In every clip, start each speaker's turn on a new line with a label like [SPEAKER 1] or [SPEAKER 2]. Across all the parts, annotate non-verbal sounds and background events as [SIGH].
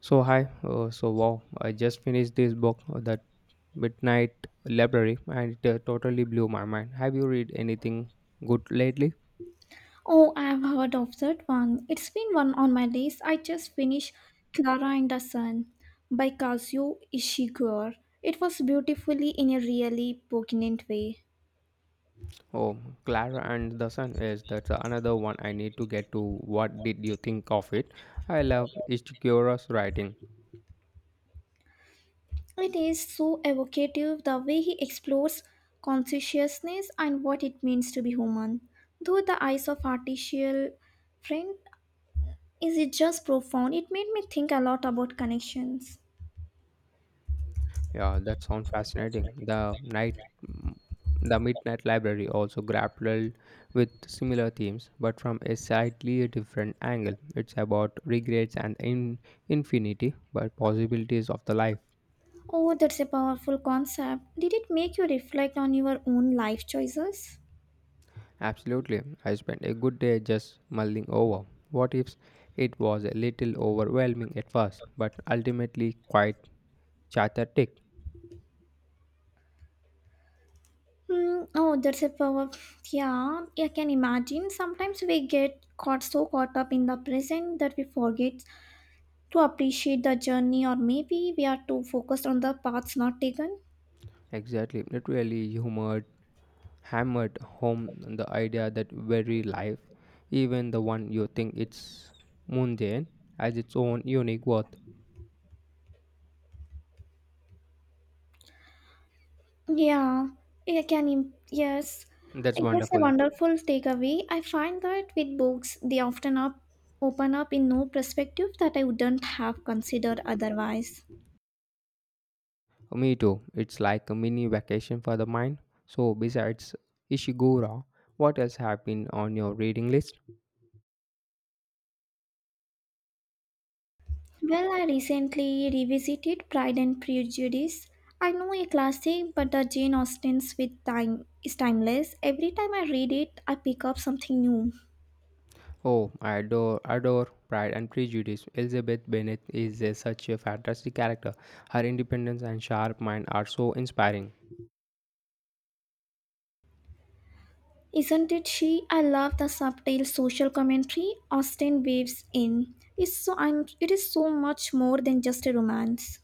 [SPEAKER 1] So hi, wow, I just finished this book, that Midnight Library, and it totally blew my mind. Have you read anything good lately?
[SPEAKER 2] Oh, I've heard of that one. It's been one on my list. I just finished Clara and the Sun by Kazuo Ishiguro. It was beautifully in a really poignant way.
[SPEAKER 1] Oh, Clara and the Sun is that's another one I need to get to. What did you think of it? I love Ishikura's writing.
[SPEAKER 2] It is so evocative the way he explores consciousness and what it means to be human. Through the eyes of artificial friend, is it just profound? It made me think a lot about connections.
[SPEAKER 1] Yeah, that sounds fascinating. Mm, the Midnight Library also grappled with similar themes, but from a slightly different angle. It's about regrets and in infinity, but possibilities of the life.
[SPEAKER 2] Oh, that's a powerful concept. Did it make you reflect on your own life choices?
[SPEAKER 1] Absolutely, I spent a good day just mulling over what ifs. It was a little overwhelming at first, but ultimately quite cathartic.
[SPEAKER 2] Hmm. Oh, that's a power. Yeah, I can imagine. Sometimes we get caught so caught up in the present that we forget to appreciate the journey, or maybe we are too focused on the paths not taken.
[SPEAKER 1] Exactly, it really humored hammered home the idea that every life, even the one you think it's mundane, has its own unique worth.
[SPEAKER 2] Yeah, I can. im- Yes,
[SPEAKER 1] That's
[SPEAKER 2] I guess a
[SPEAKER 1] wonderful.
[SPEAKER 2] wonderful takeaway. I find that with books, they often up open up in new perspective that I wouldn't have considered otherwise.
[SPEAKER 1] Me too. It's like a mini vacation for the mind. So besides Ishiguro, what else have been on your reading list?
[SPEAKER 2] Well, I recently revisited Pride and Prejudice. I know a classic, but the Jane Austen's with time is timeless. Every time I read it, I pick up something new.
[SPEAKER 1] Oh, adore Pride and Prejudice. Elizabeth Bennet is such a fantastic character. Her independence and sharp mind are so inspiring.
[SPEAKER 2] Isn't it she? I love the subtle social commentary Austen weaves in. It is so much more than just a romance.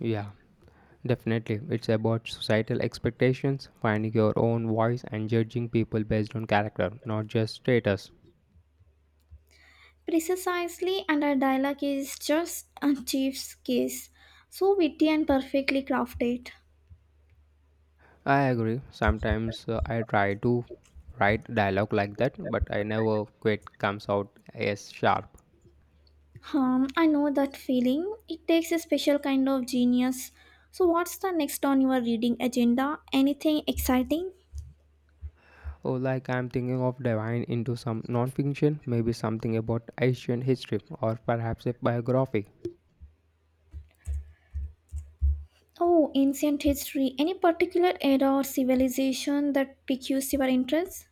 [SPEAKER 1] Yeah, definitely, it's about societal expectations, finding your own voice, and judging people based on character, not just status.
[SPEAKER 2] Precisely, and her dialogue is just a chief's kiss. So witty and perfectly crafted.
[SPEAKER 1] I agree. Sometimes I try to write dialogue like that, but I never quite comes out as sharp.
[SPEAKER 2] I know that feeling. It takes a special kind of genius. So, what's the next on your reading agenda? Anything exciting?
[SPEAKER 1] Or like I'm thinking of diving into some non-fiction, maybe something about ancient history or perhaps a biography.
[SPEAKER 2] Oh, ancient history. Any particular era or civilization that piques your interest?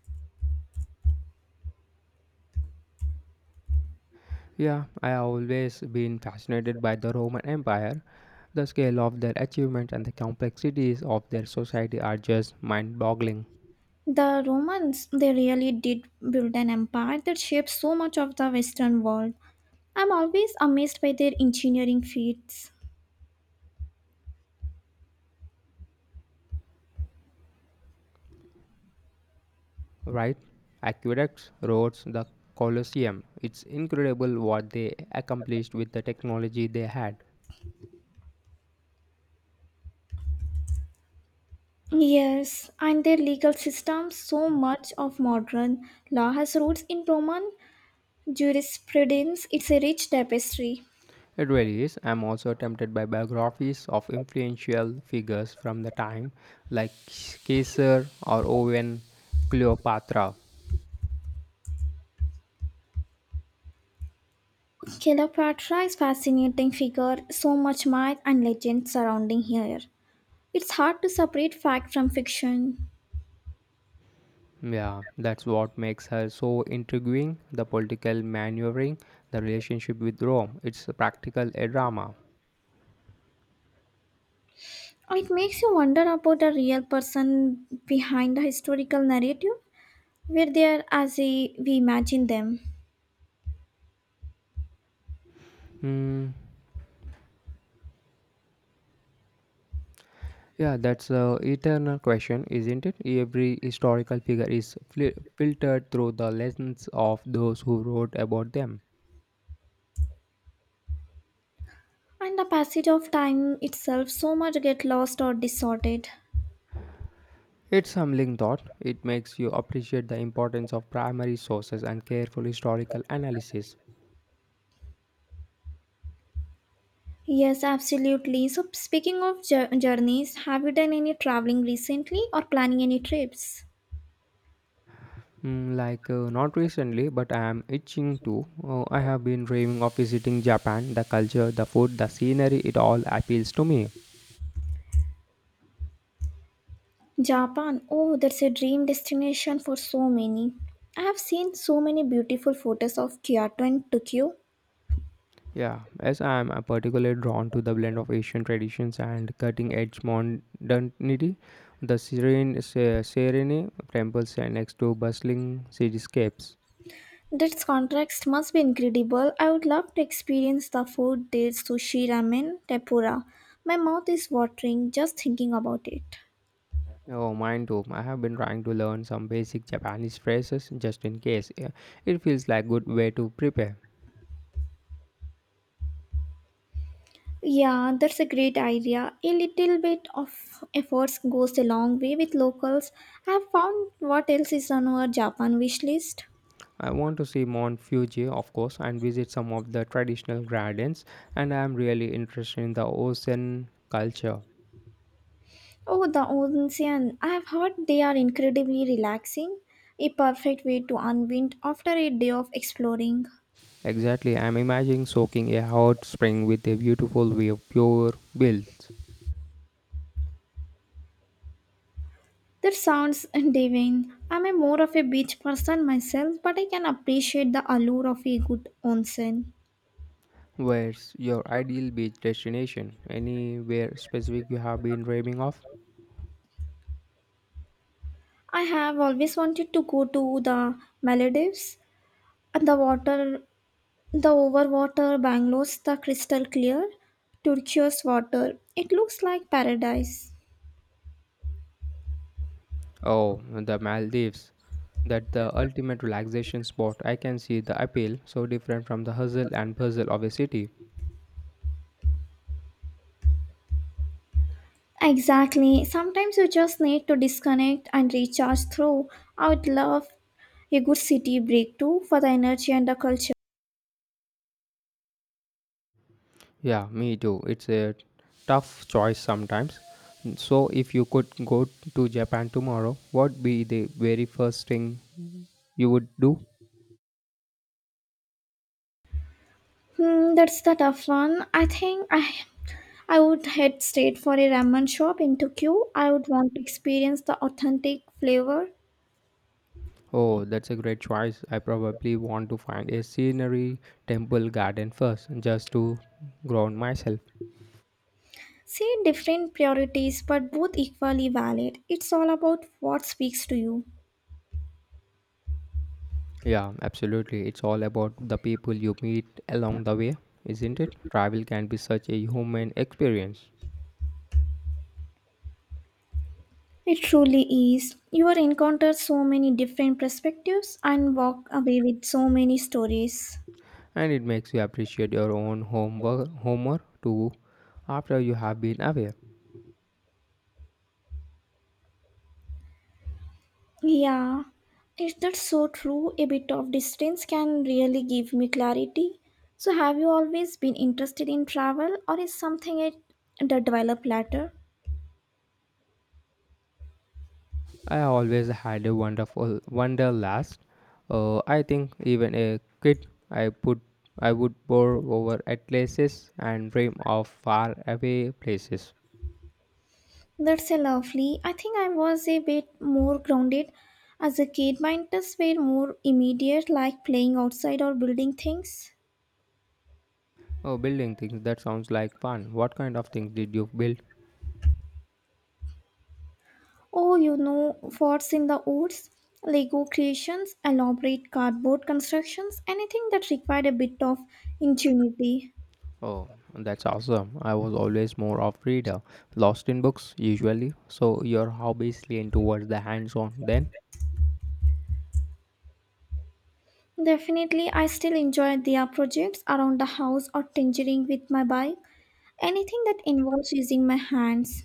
[SPEAKER 1] Yeah, I always been fascinated by the Roman Empire. The scale of their achievements and the complexities of their society are just mind boggling,
[SPEAKER 2] The Romans, they really did build an empire that shaped so much of the Western world. I'm always amazed by their engineering feats.
[SPEAKER 1] right? Aqueducts, roads, the Colosseum. It's incredible what they accomplished with the technology they had.
[SPEAKER 2] Yes, and their legal system, so much of modern law has roots in Roman Jurisprudence, it's a rich tapestry.
[SPEAKER 1] It really is. I'm also tempted by biographies of influential figures from the time, like Caesar or Owen Cleopatra.
[SPEAKER 2] Cleopatra is a fascinating figure, so much myth and legend surrounding her. It's hard to separate fact from fiction.
[SPEAKER 1] Yeah, that's what makes her so intriguing, the political maneuvering, the relationship with Rome. It's a practical a drama.
[SPEAKER 2] It makes you wonder about the real person behind the historical narrative, where they are as we imagine them.
[SPEAKER 1] Hmm. Yeah, that's a eternal question, isn't it? Every historical figure is fli filtered through the lens of those who wrote about them.
[SPEAKER 2] And the passage of time itself so much get lost or distorted.
[SPEAKER 1] It's humbling thought. It makes you appreciate the importance of primary sources and careful historical analysis.
[SPEAKER 2] Yes, absolutely. So speaking of journeys, have you done any traveling recently or planning any trips?
[SPEAKER 1] Not recently, but I am itching to. I have been dreaming of visiting Japan. The culture, the food, the scenery, it all appeals to me.
[SPEAKER 2] Japan, oh, that's a dream destination for so many. I have seen so many beautiful photos of Kyoto and Tokyo.
[SPEAKER 1] Yeah, as I am particularly drawn to the blend of Asian traditions and cutting edge modernity, the serene temples and next to bustling cityscapes.
[SPEAKER 2] That contrast must be incredible. I would love to experience the food there sushi, ramen, tempura. My mouth is watering just thinking about it.
[SPEAKER 1] Oh, mine too. I have been trying to learn some basic Japanese phrases just in case. Yeah, it feels like good way to prepare.
[SPEAKER 2] Yeah, that's a great idea. A little bit of efforts goes a long way with locals. I have found what else is on our Japan wish list.
[SPEAKER 1] I want to see Mount Fuji, of course, and visit some of the traditional gardens, and I am really interested in the ocean culture.
[SPEAKER 2] Oh, the ocean. I have heard they are incredibly relaxing, a perfect way to unwind after a day of exploring.
[SPEAKER 1] Exactly, I'm imagining soaking a hot spring with a beautiful view of pure bills.
[SPEAKER 2] That sounds [LAUGHS] divine. I'm a more of a beach person myself, but I can appreciate the allure of a good onsen.
[SPEAKER 1] Where's your ideal beach destination? Anywhere specific you have been dreaming of?
[SPEAKER 2] I have always wanted to go to the Maldives and the water, the overwater bungalows, the crystal clear, turquoise water. It looks like paradise.
[SPEAKER 1] Oh, the Maldives. That's the ultimate relaxation spot. I can see the appeal, so different from the hustle and bustle of a city.
[SPEAKER 2] Exactly. Sometimes you just need to disconnect and recharge through. I would love a good city break too for the energy and the culture.
[SPEAKER 1] Yeah, me too. It's a tough choice sometimes. So, if you could go to Japan tomorrow, what would be the very first thing you would do?
[SPEAKER 2] Hmm, that's the tough one. I think I would head straight for a ramen shop in Tokyo. I would want to experience the authentic flavor.
[SPEAKER 1] Oh, that's a great choice. I probably want to find a scenery, temple, garden first, just to ground myself.
[SPEAKER 2] See different priorities, but both equally valid. It's all about what speaks to you.
[SPEAKER 1] Yeah, absolutely. It's all about the people you meet along the way, isn't it? Travel can be such a human experience,
[SPEAKER 2] It truly is. You will encounter so many different perspectives and walk away with so many stories.
[SPEAKER 1] and it makes you appreciate your own homework too after you have been away.
[SPEAKER 2] Yeah, is that so true? A bit of distance can really give me clarity. So, have you always been interested in travel, or is something it that developed later?
[SPEAKER 1] I always had a wonderful wanderlust. I think even a kid, I would pore over atlases and dream of far away places.
[SPEAKER 2] That's a lovely. I think I was a bit more grounded as a kid. My interests were more immediate, like playing outside or building things.
[SPEAKER 1] Oh, building things that sounds like fun. What kind of things did you build?
[SPEAKER 2] Oh, you know, forts in the woods, Lego creations, elaborate cardboard constructions, anything that required a bit of ingenuity.
[SPEAKER 1] Oh, that's awesome. I was always more of reader, lost in books usually. So your hobbies lean towards the hands-on then.
[SPEAKER 2] Definitely, I still enjoy their projects around the house or tinkering with my bike, anything that involves using my hands.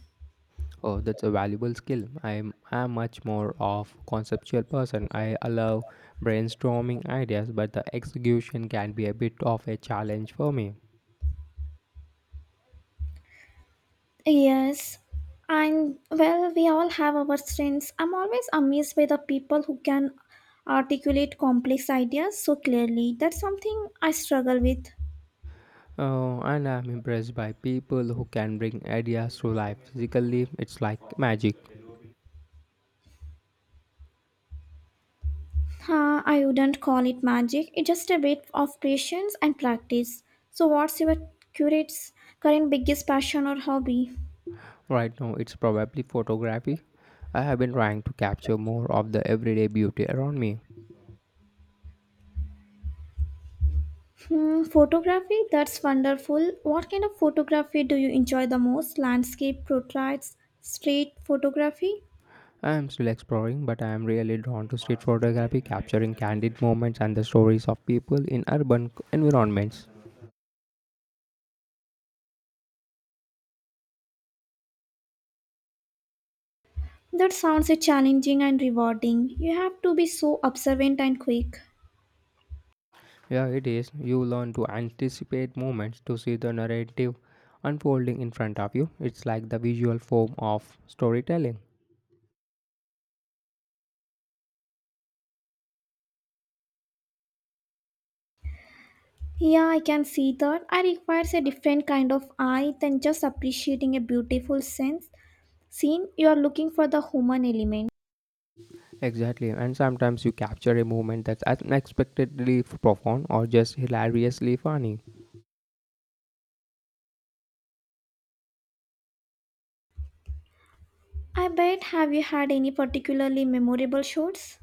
[SPEAKER 1] Oh, that's a valuable skill. I'm much more of conceptual person. I allow brainstorming ideas, but the execution can be a bit of a challenge for me.
[SPEAKER 2] Yes, and well, we all have our strengths. I'm always amazed by the people who can articulate complex ideas so clearly. That's something I struggle with.
[SPEAKER 1] Oh, and I'm impressed by people who can bring ideas to life physically. It's like magic.
[SPEAKER 2] Huh, I wouldn't call it magic, it's just a bit of patience and practice. So, what's your curate's current biggest passion or hobby?
[SPEAKER 1] Right now, it's probably photography. I have been trying to capture more of the everyday beauty around me.
[SPEAKER 2] Hmm, photography, that's wonderful. What kind of photography do you enjoy the most? Landscape, portraits, street photography?
[SPEAKER 1] I am still exploring, but I am really drawn to street photography, capturing candid moments and the stories of people in urban environments.
[SPEAKER 2] That sounds a challenging and rewarding. You have to be so observant and quick.
[SPEAKER 1] Yeah, it is. You learn to anticipate moments to see the narrative unfolding in front of you. It's like the visual form of storytelling.
[SPEAKER 2] Yeah, I can see that. I requires a different kind of eye than just appreciating a beautiful sense. Scene, you are looking for the human element.
[SPEAKER 1] Exactly. And sometimes you capture a moment that's unexpectedly profound or just hilariously funny.
[SPEAKER 2] I bet have you had any particularly memorable shots?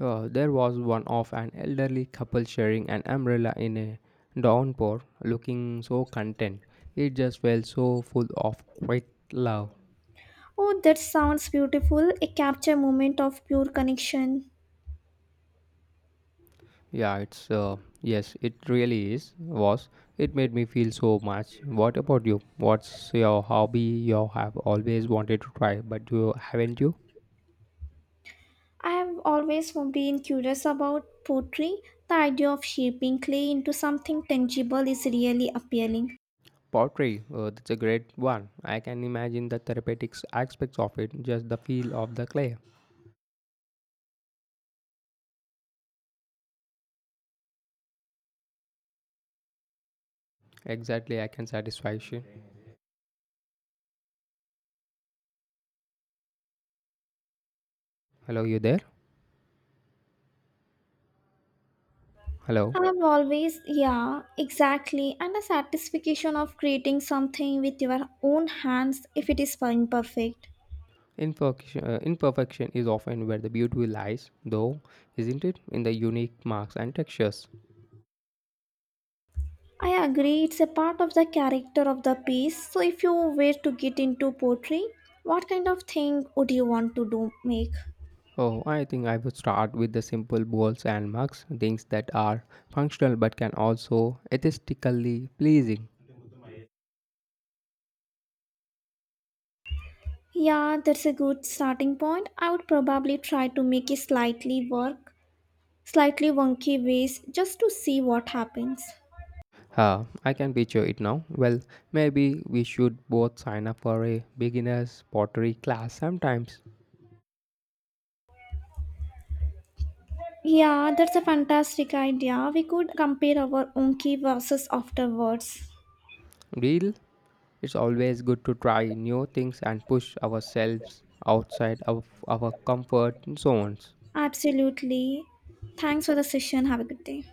[SPEAKER 1] There was one of an elderly couple sharing an umbrella in a downpour, looking so content. It just felt so full of quick love.
[SPEAKER 2] Oh, that sounds beautiful. A capture moment of pure connection.
[SPEAKER 1] Yeah, it's yes, it really is. Was it made me feel so much. What about you? What's your hobby you have always wanted to try, but you haven't you?
[SPEAKER 2] I have always been curious about pottery. The idea of shaping clay into something tangible is really appealing.
[SPEAKER 1] Pottery, that's a great one. I can imagine the therapeutic aspects of it, just the feel of the clay. Exactly, I can satisfy you. Hello, you there? Hello.
[SPEAKER 2] I have always, yeah, exactly, and the satisfaction of creating something with your own hands if it is imperfect.
[SPEAKER 1] Imperfection, imperfection is often where the beauty lies, though, isn't it? In the unique marks and textures.
[SPEAKER 2] I agree, it's a part of the character of the piece. So, if you were to get into pottery, what kind of thing would you want to do make?
[SPEAKER 1] Oh, I think I would start with the simple bowls and mugs, things that are functional but can also aesthetically pleasing.
[SPEAKER 2] Yeah, that's a good starting point. I would probably try to make a slightly wonky ways just to see what happens.
[SPEAKER 1] Huh, I can picture it now. Well, maybe we should both sign up for a beginner's pottery class sometimes.
[SPEAKER 2] Yeah, that's a fantastic idea. We could compare our wonky verses afterwards.
[SPEAKER 1] Real, it's always good to try new things and push ourselves outside of our comfort zones.
[SPEAKER 2] Absolutely. Thanks for the session. Have a good day.